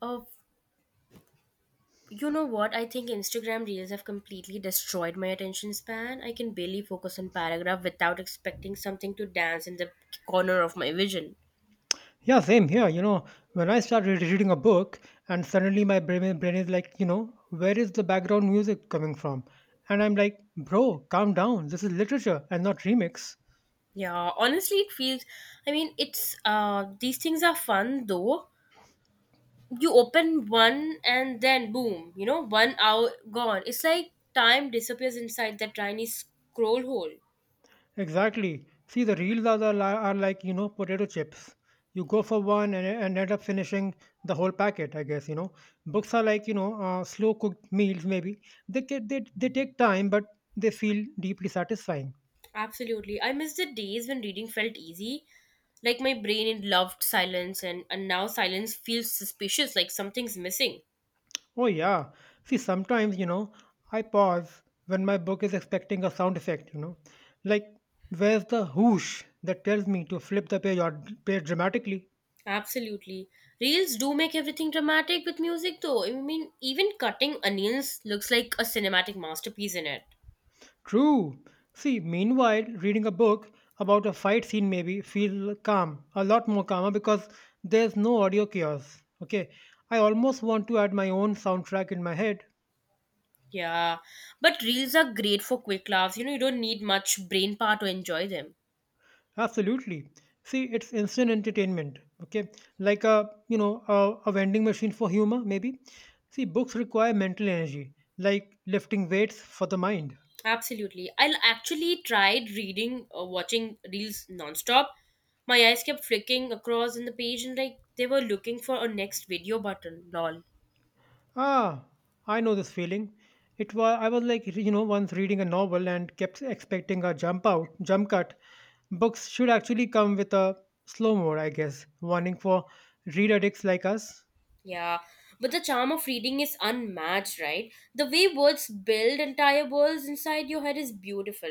Of You know what? I think Instagram Reels have completely destroyed my attention span. I can barely focus on paragraph without expecting something to dance in the corner of my vision. Yeah, same here. When I start reading a book and suddenly my brain is like, where is the background music coming from? And I'm like, bro, calm down. This is literature and not remix. Yeah, honestly, it feels. I mean, it's these things are fun though. You open one and then boom, you know, 1 hour gone. It's like time disappears inside that tiny scroll hole. Exactly. See, the reels are, the, li- are like, potato chips. You go for one and, end up finishing the whole packet, I guess, Books are like, slow cooked meals, maybe. They take time, but they feel deeply satisfying. Absolutely. I miss the days when reading felt easy. Like my brain it loved silence and now silence feels suspicious, like something's missing. Oh, yeah. See, sometimes, I pause when my book is expecting a sound effect, like where's the whoosh that tells me to flip the page or page dramatically? Absolutely. Reels do make everything dramatic with music though. I mean even cutting onions looks like a cinematic masterpiece in it. True. See, meanwhile, reading a book about a fight scene maybe feel calm, a lot more calmer because there's no audio chaos. Okay. I almost want to add my own soundtrack in my head. Yeah. But reels are great for quick laughs. You know, you don't need much brain power to enjoy them. Absolutely. See, it's instant entertainment. Okay, like a you know a vending machine for humor, maybe. See, books require mental energy, like lifting weights for the mind. Absolutely. Actually tried reading or watching reels nonstop. My eyes kept flicking across in the page and like they were looking for a next video button. Lol. Ah, I know this feeling. It was I was like once reading a novel and kept expecting a jump cut. Books should actually come with a slow mo, I guess, warning for read addicts like us. Yeah. But the charm of reading is unmatched, right? The way words build entire worlds inside your head is beautiful.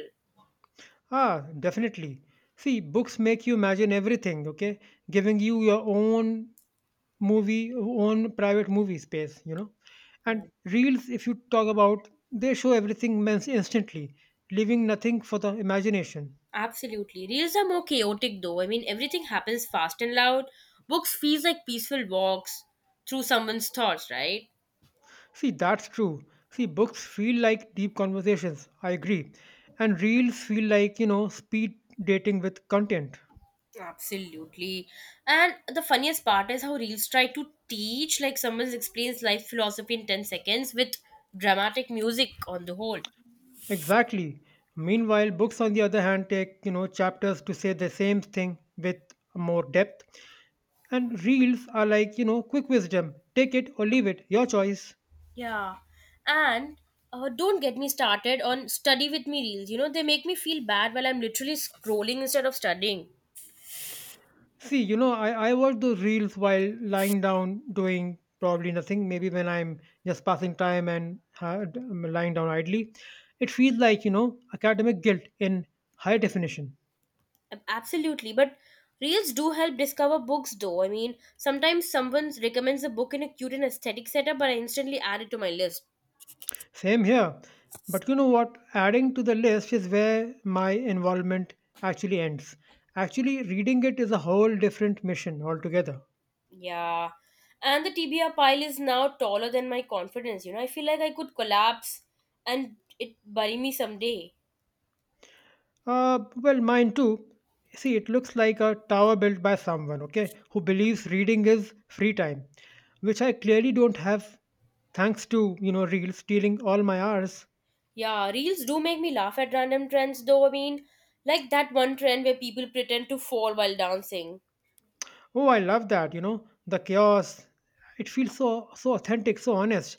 Ah, definitely. See, books make you imagine everything, okay? Giving you your own movie own private movie space, Yeah. and reels if you talk about they show everything mens- instantly, leaving nothing for the imagination. Absolutely. Reels are more chaotic though. I mean, everything happens fast and loud. Books feels like peaceful walks through someone's thoughts, right? See, that's true. See, books feel like deep conversations. I agree. And reels feel like, speed dating with content. Absolutely. And the funniest part is how Reels try to teach, like someone explains life philosophy in 10 seconds with dramatic music on the whole. Exactly. Meanwhile, books on the other hand take, chapters to say the same thing with more depth. And reels are like, quick wisdom, take it or leave it, your choice. Yeah. And don't get me started on study with me Reels. You know, they make me feel bad while I'm literally scrolling instead of studying. See, I watch those reels while lying down doing probably nothing. Maybe when I'm just passing time and had, lying down idly, it feels like, academic guilt in high definition. Absolutely. But Reels do help discover books though. I mean, sometimes someone recommends a book in a cute and aesthetic setup, but I instantly add it to my list. Same here. But you know what? Adding to the list is where my involvement actually ends. Actually, reading it is a whole different mission altogether. Yeah. And the TBR pile is now taller than my confidence. You know, I feel like I could collapse and it bury me someday. Well, mine too. See, it looks like a tower built by someone, okay, who believes reading is free time, which I clearly don't have thanks to, Reels stealing all my hours. Yeah, reels do make me laugh at random trends though. I mean, like that one trend where people pretend to fall while dancing. Oh, I love that, the chaos. It feels so authentic, so honest.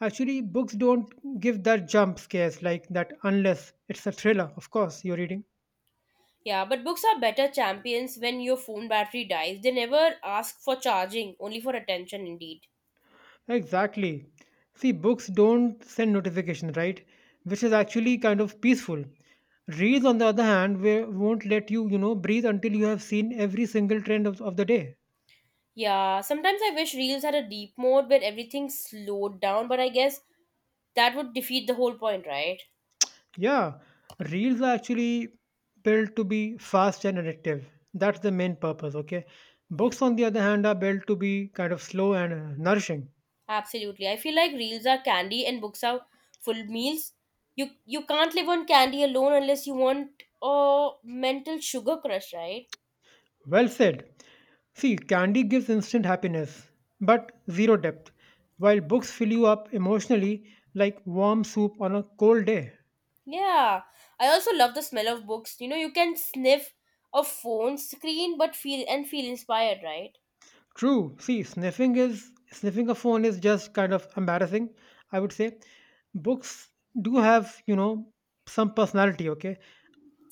Actually, books don't give that jump scares like that unless it's a thriller, of course, you're reading. Yeah, but books are better champions when your phone battery dies. They never ask for charging, only for attention indeed. Exactly. See, books don't send notification, right? Which is actually kind of peaceful. Reels, on the other hand, won't let you, breathe until you have seen every single trend of the day. Yeah, sometimes I wish reels had a deep mode where everything slowed down, but I guess that would defeat the whole point, right? Yeah, reels are actually built to be fast and addictive. That's the main purpose, okay? Books, on the other hand, are built to be kind of slow and nourishing. Absolutely. I feel like reels are candy and books are full meals. You can't live on candy alone unless you want a mental sugar crush, right? Well said. See, candy gives instant happiness, but zero depth, while books fill you up emotionally like warm soup on a cold day. Yeah. I also love the smell of books. You know, you can sniff a phone screen but feel and feel inspired, right? True. See, sniffing a phone is just kind of embarrassing, I would say. Books do have, some personality, okay?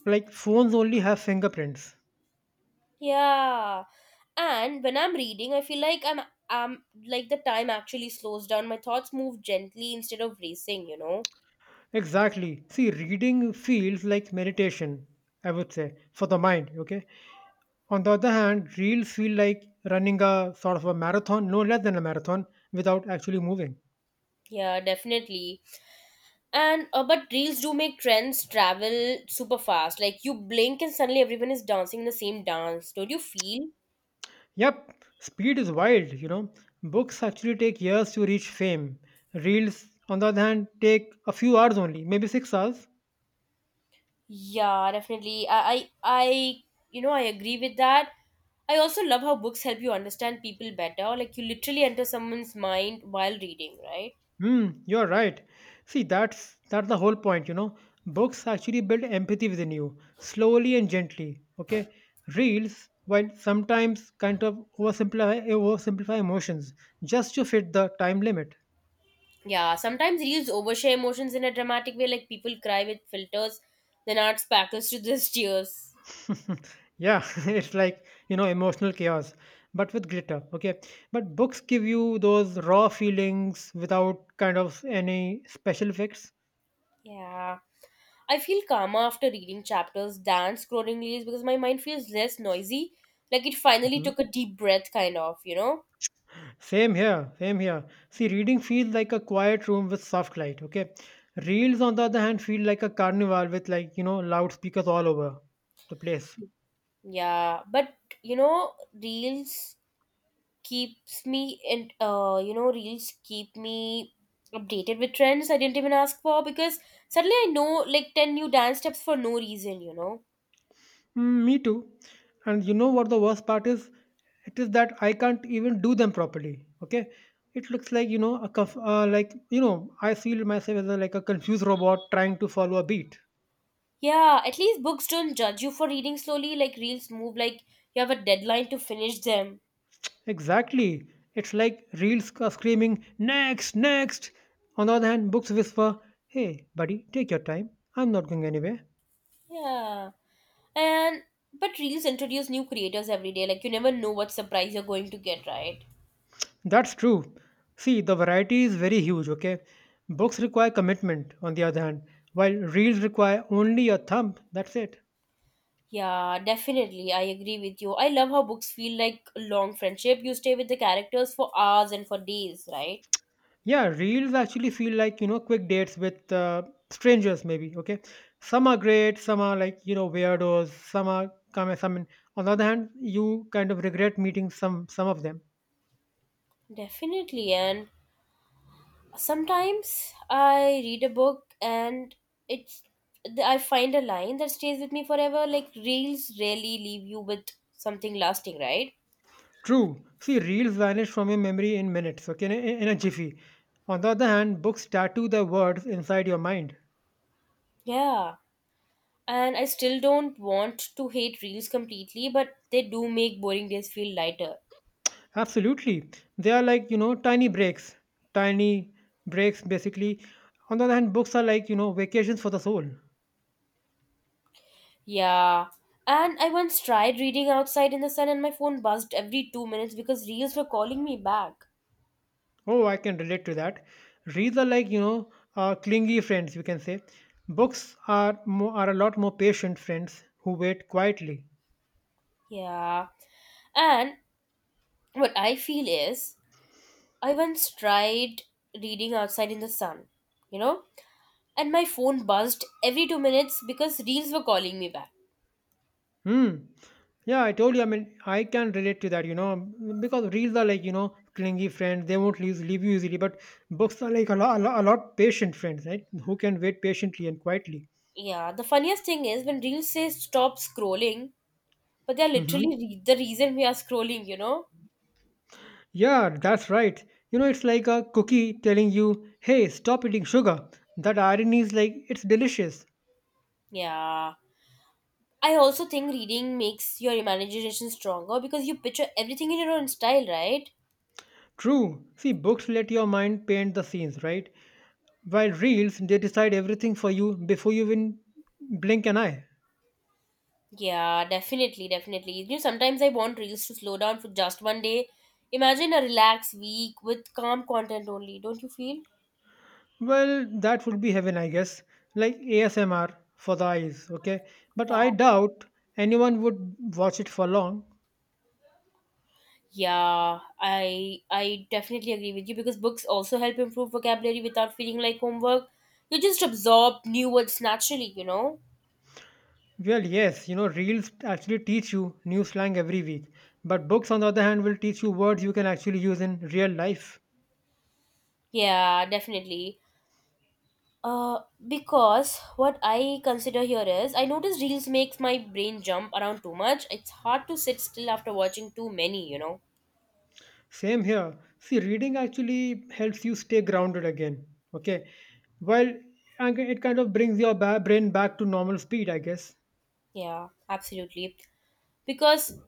Like phones only have fingerprints. Yeah. And when I'm reading, I feel like I'm like the time actually slows down. My thoughts move gently instead of racing, you know? Exactly. See, reading feels like meditation, I would say, for the mind, okay? On the other hand, reels feel like running a sort of a marathon, no less than a marathon, without actually moving. Yeah, definitely. And but reels do make trends travel super fast. Like you blink and suddenly everyone is dancing the same dance. Don't you feel? Yep, speed is wild, you know. Books actually take years to reach fame. Reels, on the other hand, take a few hours only, maybe 6 hours. Yeah, definitely. I, you know, I agree with that. I also love how books help you understand people better. Like you literally enter someone's mind while reading, right? Hmm, you're right. See, that's the whole point, you know. Books actually build empathy within you, slowly and gently. Okay, reels, while sometimes kind of oversimplify emotions just to fit the time limit. Yeah, sometimes reels overshare emotions in a dramatic way. Like people cry with filters, then art sparkles to just tears. Yeah. It's like, you know, emotional chaos but with glitter, okay, but books give you those raw feelings without kind of any special effects. Yeah. I feel calmer after reading chapters than scrolling reels because my mind feels less noisy. Like it finally Mhm. took a deep breath, kind of, you know? Same here. See, reading feels like a quiet room with soft light, okay? Reels, on the other hand, feel like a carnival with, like, you know, loudspeakers all over the place. Yeah. But, you know, reels keep me updated with trends I didn't even ask for because suddenly I know like 10 new dance steps for no reason, you know? Mm, me too. And you know what the worst part is? It is that I can't even do them properly. Okay, it looks like like, you know, I feel myself as a, like a confused robot trying to follow a beat. Yeah, at least books don't judge you for reading slowly. Like reels move like you have a deadline to finish them. Exactly. It's like reels are screaming next, next. On the other hand, books whisper, "Hey, buddy, take your time. I'm not going anywhere." Yeah. And but reels introduce new creators every day. Like you never know what surprise you're going to get, right? That's true. See, the variety is very huge. Okay, books require commitment. On the other hand, while reels require only your thumb. That's it. Yeah, definitely. I agree with you. I love how books feel like a long friendship. You stay with the characters for hours and for days, right? Yeah, reels actually feel like, quick dates with strangers, maybe. Okay. Some are great, some are like, weirdos, some are come some. On the other hand, you kind of regret meeting some of them. Definitely. And sometimes I read a book and it's I find a line that stays with me forever. Like reels rarely leave you with something lasting, right? True. See, reels vanish from your memory in minutes, okay, in a jiffy. On the other hand, books tattoo the words inside your mind. Yeah. And I still don't want to hate reels completely, but they do make boring days feel lighter. Absolutely. They are like, tiny breaks. Tiny breaks, basically. On the other hand, books are like, vacations for the soul. Yeah. And I once tried reading outside in the sun and my phone buzzed every 2 minutes because reels were calling me back. Oh, I can relate to that. Reads are like, clingy friends, you can say. Books are are a lot more patient friends who wait quietly. Yeah. And what I feel is, I once tried reading outside in the sun, you know, and my phone buzzed every 2 minutes because reels were calling me back. Hmm. Yeah, I told you. I mean, I can relate to that, you know, because reads are like, clingy friends. They won't leave you easily. But books are like a lot patient friends, right? Who can wait patiently and quietly. Yeah, the funniest thing is when reels say stop scrolling, but they're Hmm. The reason we are scrolling, you know? Yeah, that's right. You know, it's like a cookie telling you, hey, stop eating sugar. That irony is like, it's delicious. Yeah. I also think reading makes your imagination stronger because you picture everything in your own style, right? True. See, books let your mind paint the scenes, right? While reels, they decide everything for you before you even blink an eye. Yeah, definitely. You know, sometimes I want reels to slow down for just one day. Imagine a relaxed week with calm content only, don't you feel? Well, that would be heaven, I guess. Like ASMR for the eyes, okay? But Yeah. I doubt anyone would watch it for long. Yeah, I definitely agree with you because books also help improve vocabulary without feeling like homework. You just absorb new words naturally, you know? Well, yes, you know, reels actually teach you new slang every week. But books, on the other hand, will teach you words you can actually use in real life. Yeah, definitely. Uh, because what I consider here is I notice reels makes my brain jump around too much. It's hard to sit still after watching too many, you know. Same here. See, reading actually helps you stay grounded again. Okay. Well, and it kind of brings your brain back to normal speed, I guess. Yeah, absolutely. Because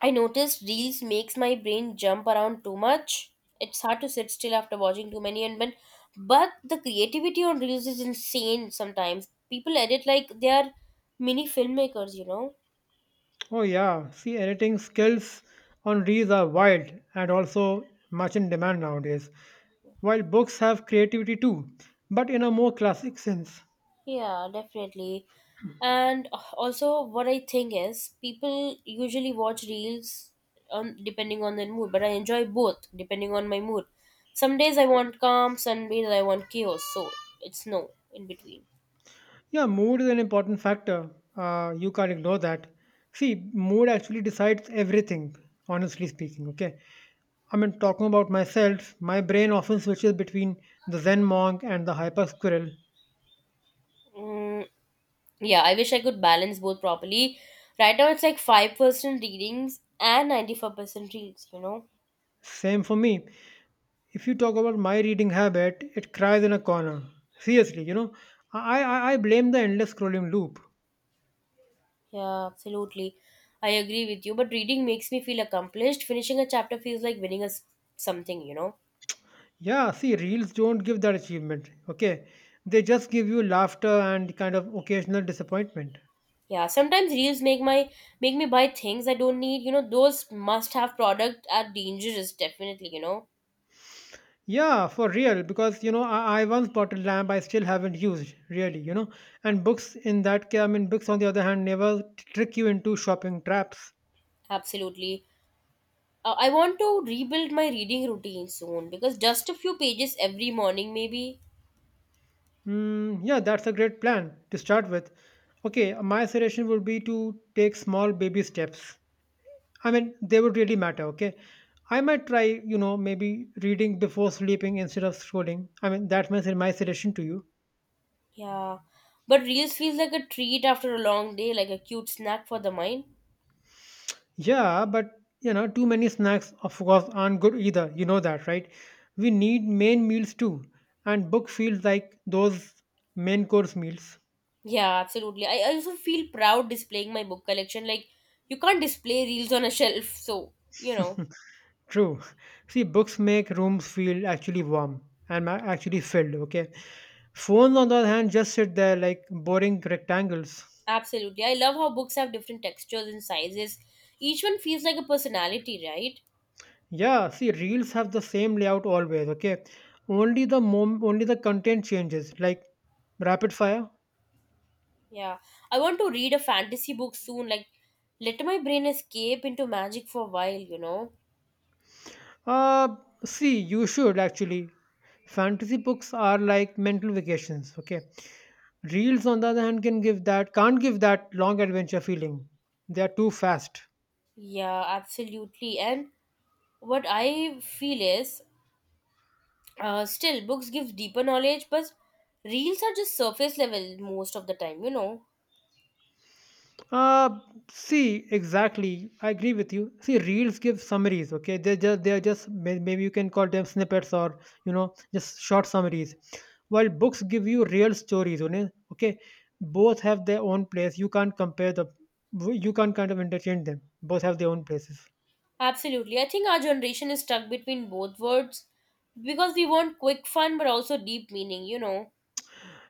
I notice reels makes my brain jump around too much. It's hard to sit still after watching too many and when but the creativity on reels is insane sometimes. People edit like they are mini filmmakers, you know. Oh, yeah. See, editing skills on reels are wild and also much in demand nowadays. While books have creativity too, but in a more classic sense. Yeah, definitely. And also, what I think is people usually watch reels on depending on their mood, but I enjoy both depending on my mood. Some days I want calm, some days I want chaos, so it's no in between. Yeah, mood is an important factor. You can't ignore that. See, mood actually decides everything, honestly speaking. Okay. I mean, talking about myself, my brain often switches between the Zen monk and the hyper squirrel. Mm, yeah, I wish I could balance both properly. Right now, it's like 5% readings and 94% reels, you know? Same for me. If you talk about my reading habit, it cries in a corner. Seriously, you know, I blame the endless scrolling loop. Yeah, absolutely. I agree with you, but reading makes me feel accomplished. Finishing a chapter feels like winning a something, you know? Yeah, see, reels don't give that achievement, okay? They just give you laughter and kind of occasional disappointment. Yeah, sometimes reels make me buy things I don't need. You know, those must-have product are dangerous, definitely, you know. Yeah, for real, because you know, I once bought a lamp I still haven't used, really, you know. And books in that case, I mean, books on the other hand never trick you into shopping traps. Absolutely. I want to rebuild my reading routine soon because just a few pages every morning maybe. Hmm. Yeah, that's a great plan to start with. Okay, my suggestion would be to take small baby steps. I mean, they would really matter, okay? I might try, you know, maybe reading before sleeping instead of scrolling. I mean, that's my suggestion to you. Yeah. But reels feels like a treat after a long day, like a cute snack for the mind. Yeah, but, you know, too many snacks, of course, aren't good either. You know that, right? We need main meals too. And book feels like those main course meals. Yeah, absolutely. I also feel proud displaying my book collection. Like you can't display reels on a shelf, so you know. True. See, books make rooms feel actually warm and actually filled, okay? Phones, on the other hand, just sit there like boring rectangles. Absolutely. I love how books have different textures and sizes. Each one feels like a personality, right? Yeah, see, reels have the same layout always, okay? Only the content changes, like rapid fire. Yeah. I want to read a fantasy book soon, like let my brain escape into magic for a while, you know? Uh, see, you should actually. Fantasy books are like mental vacations, okay? Reels, on the other hand, can't give that long adventure feeling. They are too fast. Yeah, absolutely. And what I feel is still books give deeper knowledge, but reels are just surface level most of the time, you know? Uh, see, exactly. I agree with you. See, reels give summaries. Okay, they just they are just may- maybe you can call them snippets or you know just short summaries. While books give you real stories. Okay, okay, both have their own place. You can't kind of interchange them. Both have their own places. Absolutely. I think our generation is stuck between both worlds because we want quick fun but also deep meaning, you know?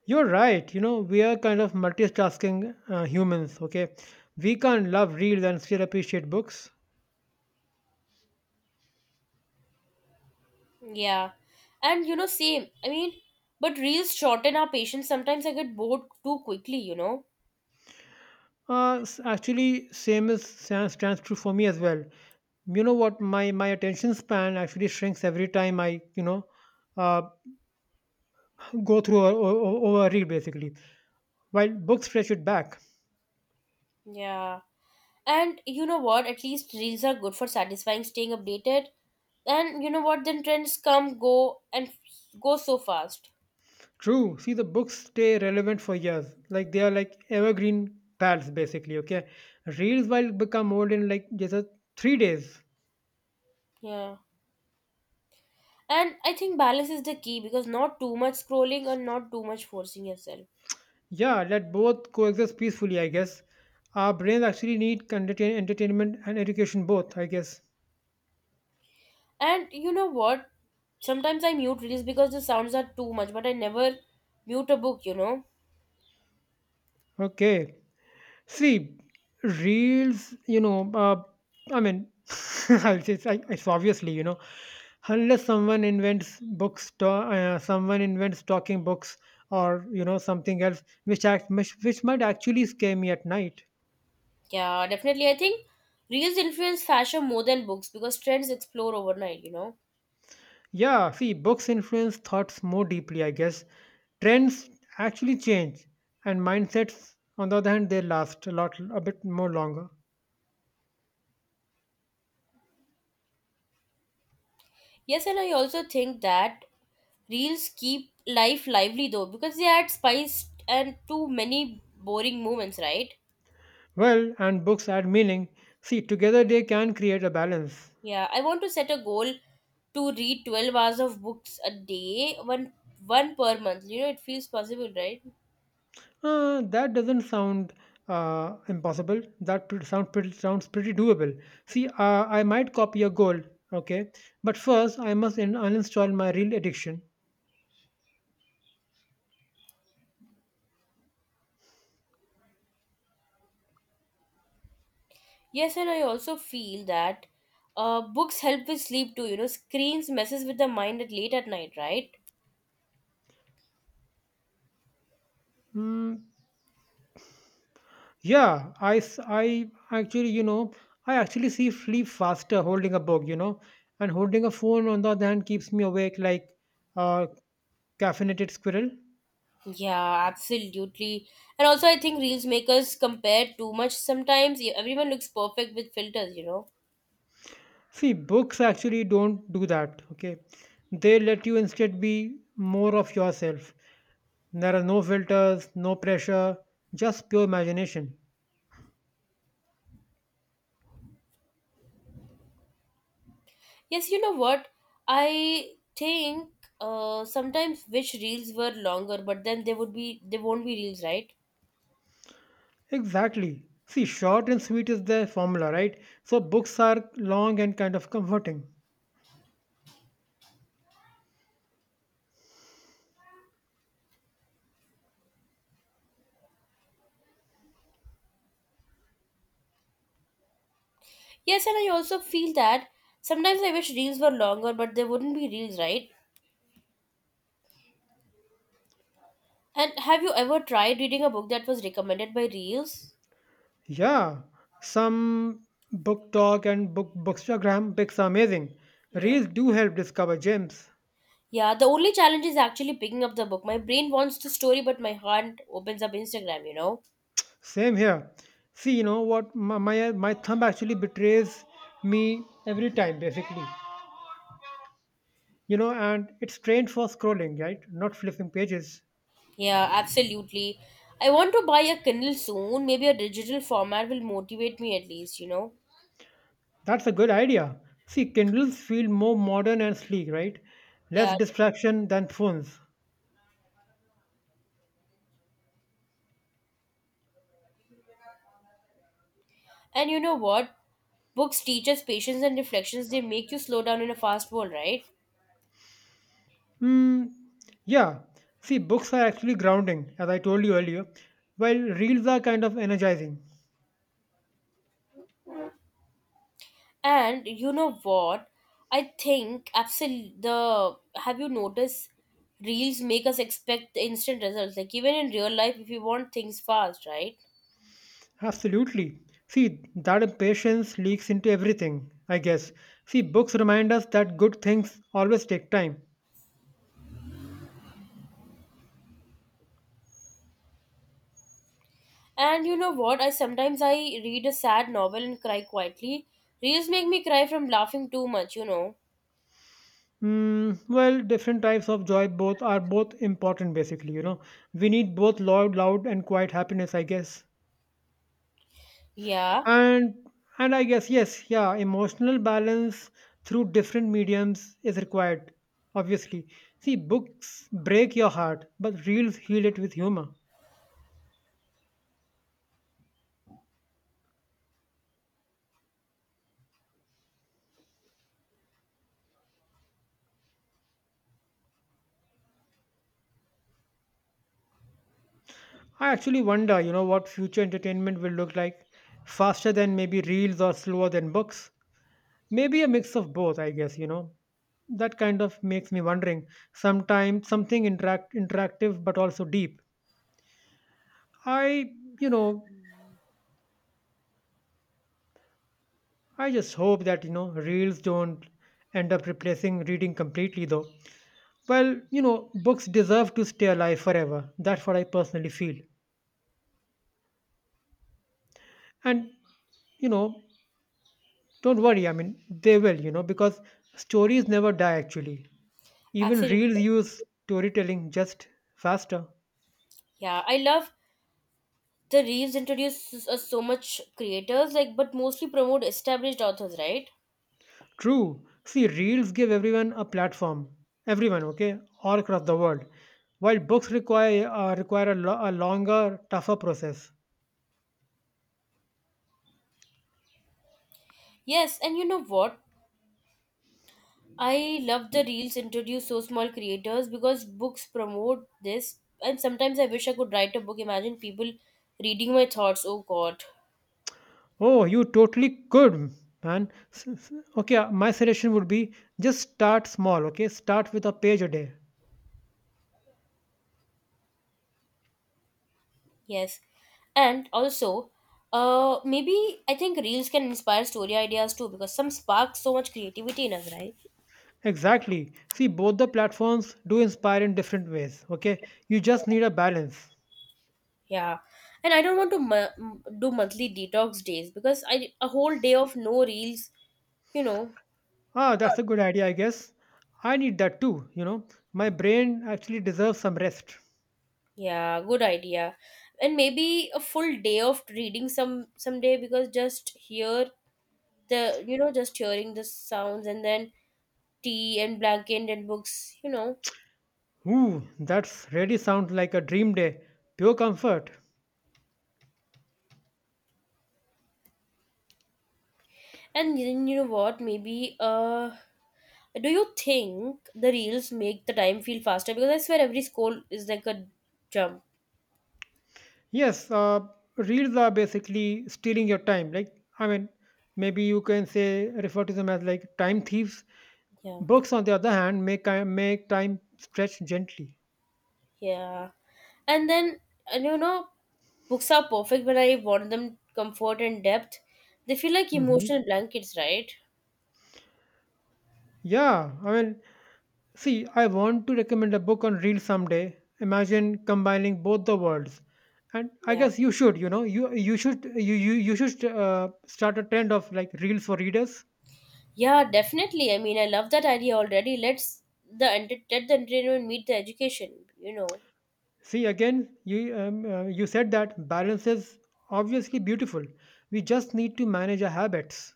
You're right. You know we are kind of multitasking humans. Okay, we can't love reels and still appreciate books. Yeah. And you know, same. I mean, but reels shorten our patience. Sometimes I get bored too quickly, you know? Actually, same stands true for me as well. You know what? My attention span actually shrinks every time I you know uh, go through or read basically. While books stretch it back. Yeah. And you know what? At least reels are good for satisfying, staying updated. And you know what? Then trends come, go, and go so fast. True. See, the books stay relevant for years. Like they are like evergreen pals basically. Okay. Reels while become old in like just a 3 days. Yeah. And I think balance is the key because not too much scrolling and not too much forcing yourself. Yeah, let both coexist peacefully. I guess our brains actually need entertainment and education both, I guess. And you know what? Sometimes I mute reels because the sounds are too much, but I never mute a book, you know? Okay. See, reels, I mean, I'll say it's obviously, you know, unless someone invents someone invents talking books or, you know, something else which might actually scare me at night. Yeah, definitely. I think reels influence fashion more than books because trends explore overnight, you know. Yeah, see, books influence thoughts more deeply, I guess. Trends actually change, and mindsets, on the other hand, they last a lot, a bit more longer. Yes, and I also think that reels keep life lively though because they add spice and to many boring moments, right? Well, and books add meaning. See, together they can create a balance. Yeah, I want to set a goal to read 12 hours of books a day, one per month. You know, it feels possible, right? That doesn't sound impossible. That pr- sound pretty, Sounds pretty doable. See, I might copy your goal, okay? But first, I must uninstall my real addiction. Yes, and I also feel that books help with sleep too. You know, screens messes with the mind at late at night, right? Mm, yeah, I actually, you know, I actually see sleep faster holding a book, you know, and holding a phone on the other hand keeps me awake like a caffeinated squirrel. Yeah, absolutely. And also, I think reels make us compare too much sometimes. Yeah, everyone looks perfect with filters, you know. See, books actually don't do that, okay? They let you instead be more of yourself. There are no filters, no pressure, just pure imagination. Yes, you know what? I think sometimes which reels were longer, but then they won't be reels, right? Exactly. See, short and sweet is the formula, right? So books are long and kind of comforting. Yes, and I also feel that sometimes I wish reels were longer, but they wouldn't be reels, right? And have you ever tried reading a book that was recommended by reels? Yeah, some book talk and bookstagram picks are amazing. Yeah. Reels do help discover gems. Yeah, the only challenge is actually picking up the book. My brain wants the story, but my heart opens up Instagram, you know? Same here. See, you know what? My thumb actually betrays me every time, basically. You know, and it's trained for scrolling, right? Not flipping pages. Yeah, absolutely. I want to buy a Kindle soon. Maybe a digital format will motivate me at least, you know? That's a good idea. See, Kindles feel more modern and sleek, right? Less Yeah. distraction than phones. And you know what? Books teach us patience and reflections. They make you slow down in a fast world, right? Hmm, yeah. See, books are actually grounding, as I told you earlier, while reels are kind of energizing. And you know what? I think absolutely the have you noticed reels make us expect the instant results. Like even in real life, if you want things fast, right? Absolutely. See, that impatience leaks into everything, I guess. See, books remind us that good things always take time. And you know what? I sometimes I read a sad novel and cry quietly. Reels make me cry from laughing too much, you know. Hmm, well, different types of joy both are both important basically, you know. We need both loud and quiet happiness, I guess. Yeah, and and I guess, yes, yeah, emotional balance through different mediums is required, obviously. See, books break your heart, but reels heal it with humor. I actually wonder, you know, what future entertainment will look like. Faster than maybe reels or slower than books, maybe a mix of both, I guess. You know, that kind of makes me wondering sometimes, something interactive but also deep. I you know I just hope that, you know, reels don't end up replacing reading completely, though. Well, you know, books deserve to stay alive forever. That's what I personally feel. And, you know, don't worry, I mean, they will, you know, because stories never die actually. Even reels absolutely. use storytelling, just faster. Yeah, I love the reels introduce us so much creators like but mostly promote established authors, right? True. See, reels give everyone a platform. Everyone, okay? All across the world. While books require, require a longer, tougher process. Yes, and you know what? I love the reels introduce so small creators because books promote this and sometimes I wish I could write a book. Imagine people reading my thoughts. Oh god. Oh, you totally could, man. Okay, my suggestion would be just start small, okay? Start with a page a day. Yes. And also, maybe I think reels can inspire story ideas too because some spark so much creativity in us, right? Exactly. See, both the platforms do inspire in different ways, okay? You just need a balance. Yeah. And I don't want to do monthly detox days because I a whole day of no reels, you know. Ah, that's a good idea, I guess. I need that too, you know. My brain actually deserves some rest. Yeah, good idea. And maybe a full day of reading some someday because just hear the you know just hearing the sounds and then tea and blanket and books, you know. Ooh, that's really sounds like a dream day. Pure comfort. And then you know what? Maybe do you think the reels make the time feel faster? Because I swear every scroll is like a jump. Yes, reels are basically stealing your time. Like, I mean, maybe you can say refer to them as like time thieves. Yeah, Books, on the other hand, make make time stretch gently. yeah. And then and you know, books are perfect when I want them comfort and depth. They feel like Hmm, emotional blankets, right? yeah, I mean, see, I want to recommend a book on reels someday. Imagine combining both the worlds, and I Yeah. guess you should. You know, you should start a trend of like reels for readers. Yeah, definitely. I mean, I love that idea already. Let the entertainment meet the education. You know. See again, you said that balance is obviously beautiful. We just need to manage our habits.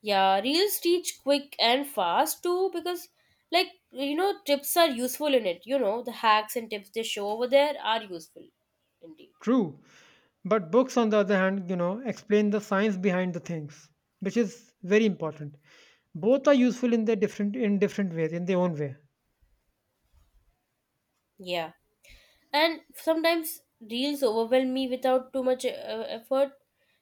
Yeah, reels teach quick and fast too because, like, you know, tips are useful in it. You know, the hacks and tips they show over there are useful indeed. True, but books on the other hand, you know, explain the science behind the things, which is very important. Both are useful in their different in different ways, in their own way. Yeah. And sometimes reels overwhelm me without too much effort,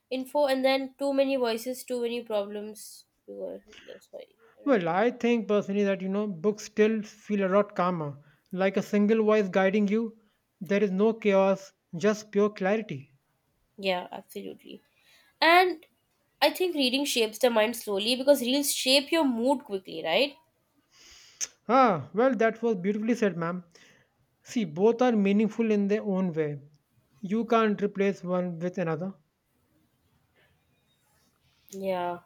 info, and then too many voices, too many problems. Well, that's why. Well, Yeah, I think personally that you know books still feel a lot calmer, like a single voice guiding you. There is no chaos, just pure clarity. Yeah, absolutely. And I think reading shapes the mind slowly because reels shape your mood quickly, right? Ah, well, that was beautifully said, ma'am. See, both are meaningful in their own way. You can't replace one with another. Yeah.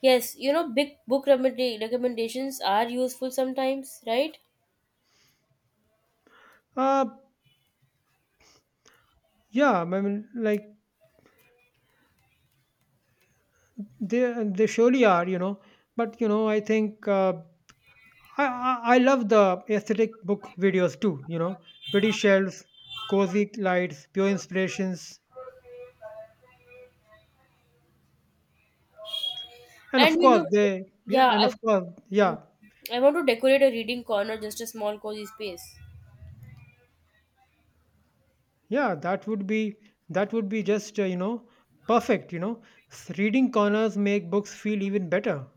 Yes, you know, big book recommendations are useful sometimes, right? Uh, yeah, I mean, like they surely are, you know. But you know, I think I love the aesthetic book videos too. You know, pretty shelves, cozy lights, pure inspirations, and And of you course know, they yeah, yeah, and of course, mm, yeah, I want to decorate a reading corner, just a small cozy space. yeah. That would be just you know, perfect. You know, reading corners make books feel even better.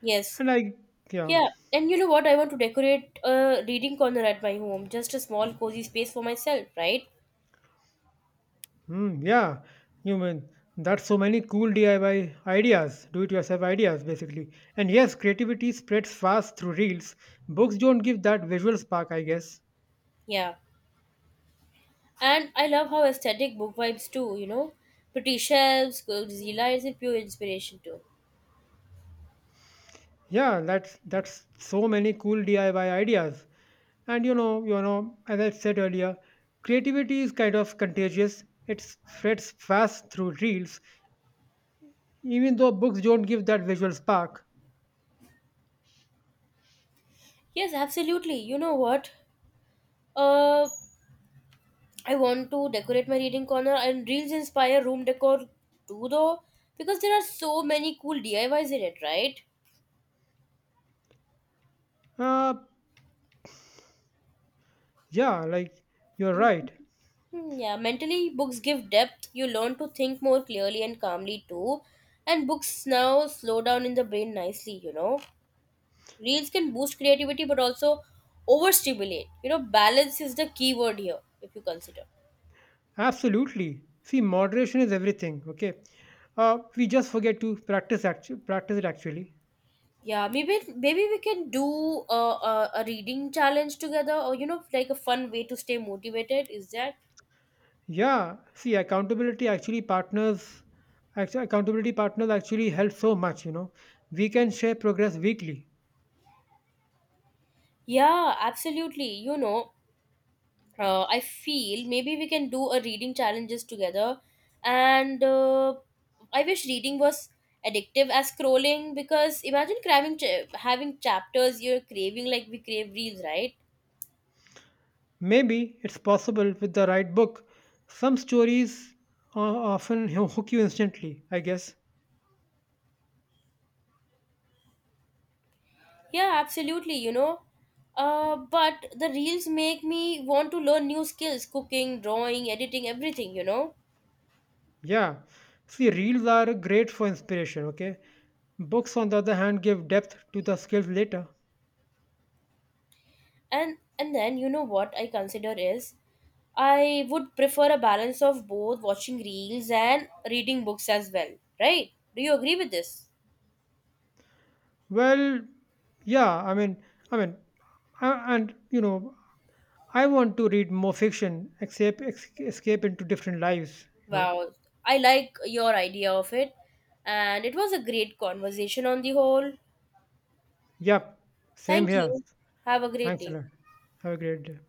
Yes. And I yeah. Yeah, and you know what? I want to decorate a reading corner at my home, just a small cozy space for myself, right? Hmm, yeah, you mean that's so many cool DIY ideas, do it yourself ideas basically. And yes, creativity spreads fast through reels. Books don't give that visual spark, I guess. Yeah. And I love how aesthetic book vibes too, you know? Pretty shelves, cozy lights, and pure inspiration too. Yeah, that's so many cool DIY ideas. And you know, as I said earlier, creativity is kind of contagious. It spreads fast through reels, even though books don't give that visual spark. Yes, absolutely. You know what? Uh, I want to decorate my reading corner and reels inspire room decor too though because there are so many cool DIYs in it, right? Uh, yeah, like you're Mhm. right. Hmm, yeah, mentally books give depth. You learn to think more clearly and calmly too. And books now slow down in the brain nicely, you know. Reels can boost creativity but also overstimulate. You know, balance is the key word here if you consider. Absolutely. See, moderation is everything. Okay, we just forget to practice actually practice it actually. Yeah, maybe we can do a, a reading challenge together or you know like a fun way to stay motivated. Is that? Yeah. See, accountability actually partners. Actually, accountability partners actually help so much. You know, we can share progress weekly. Yeah, absolutely. You know, I feel maybe we can do a reading challenges together. And I wish reading was addictive as scrolling because imagine craving having chapters you're craving like we crave reels, right? Maybe it's possible with the right book. Some stories uh, often hook you instantly, I guess. Yeah, absolutely. You know, but the reels make me want to learn new skills, cooking, drawing, editing, everything. You know. Yeah. See, reels are great for inspiration. Okay, books on the other hand give depth to the skills later. And then you know what I consider is I would prefer a balance of both watching reels and reading books as well, right? Do you agree with this? Well, yeah, I mean, and you know, I want to read more fiction, escape, escape into different lives. You know, Wow, I like your idea of it, and it was a great conversation on the whole. yep, same Thank here. you. Have a great Thanks a day. lot. Have a great day.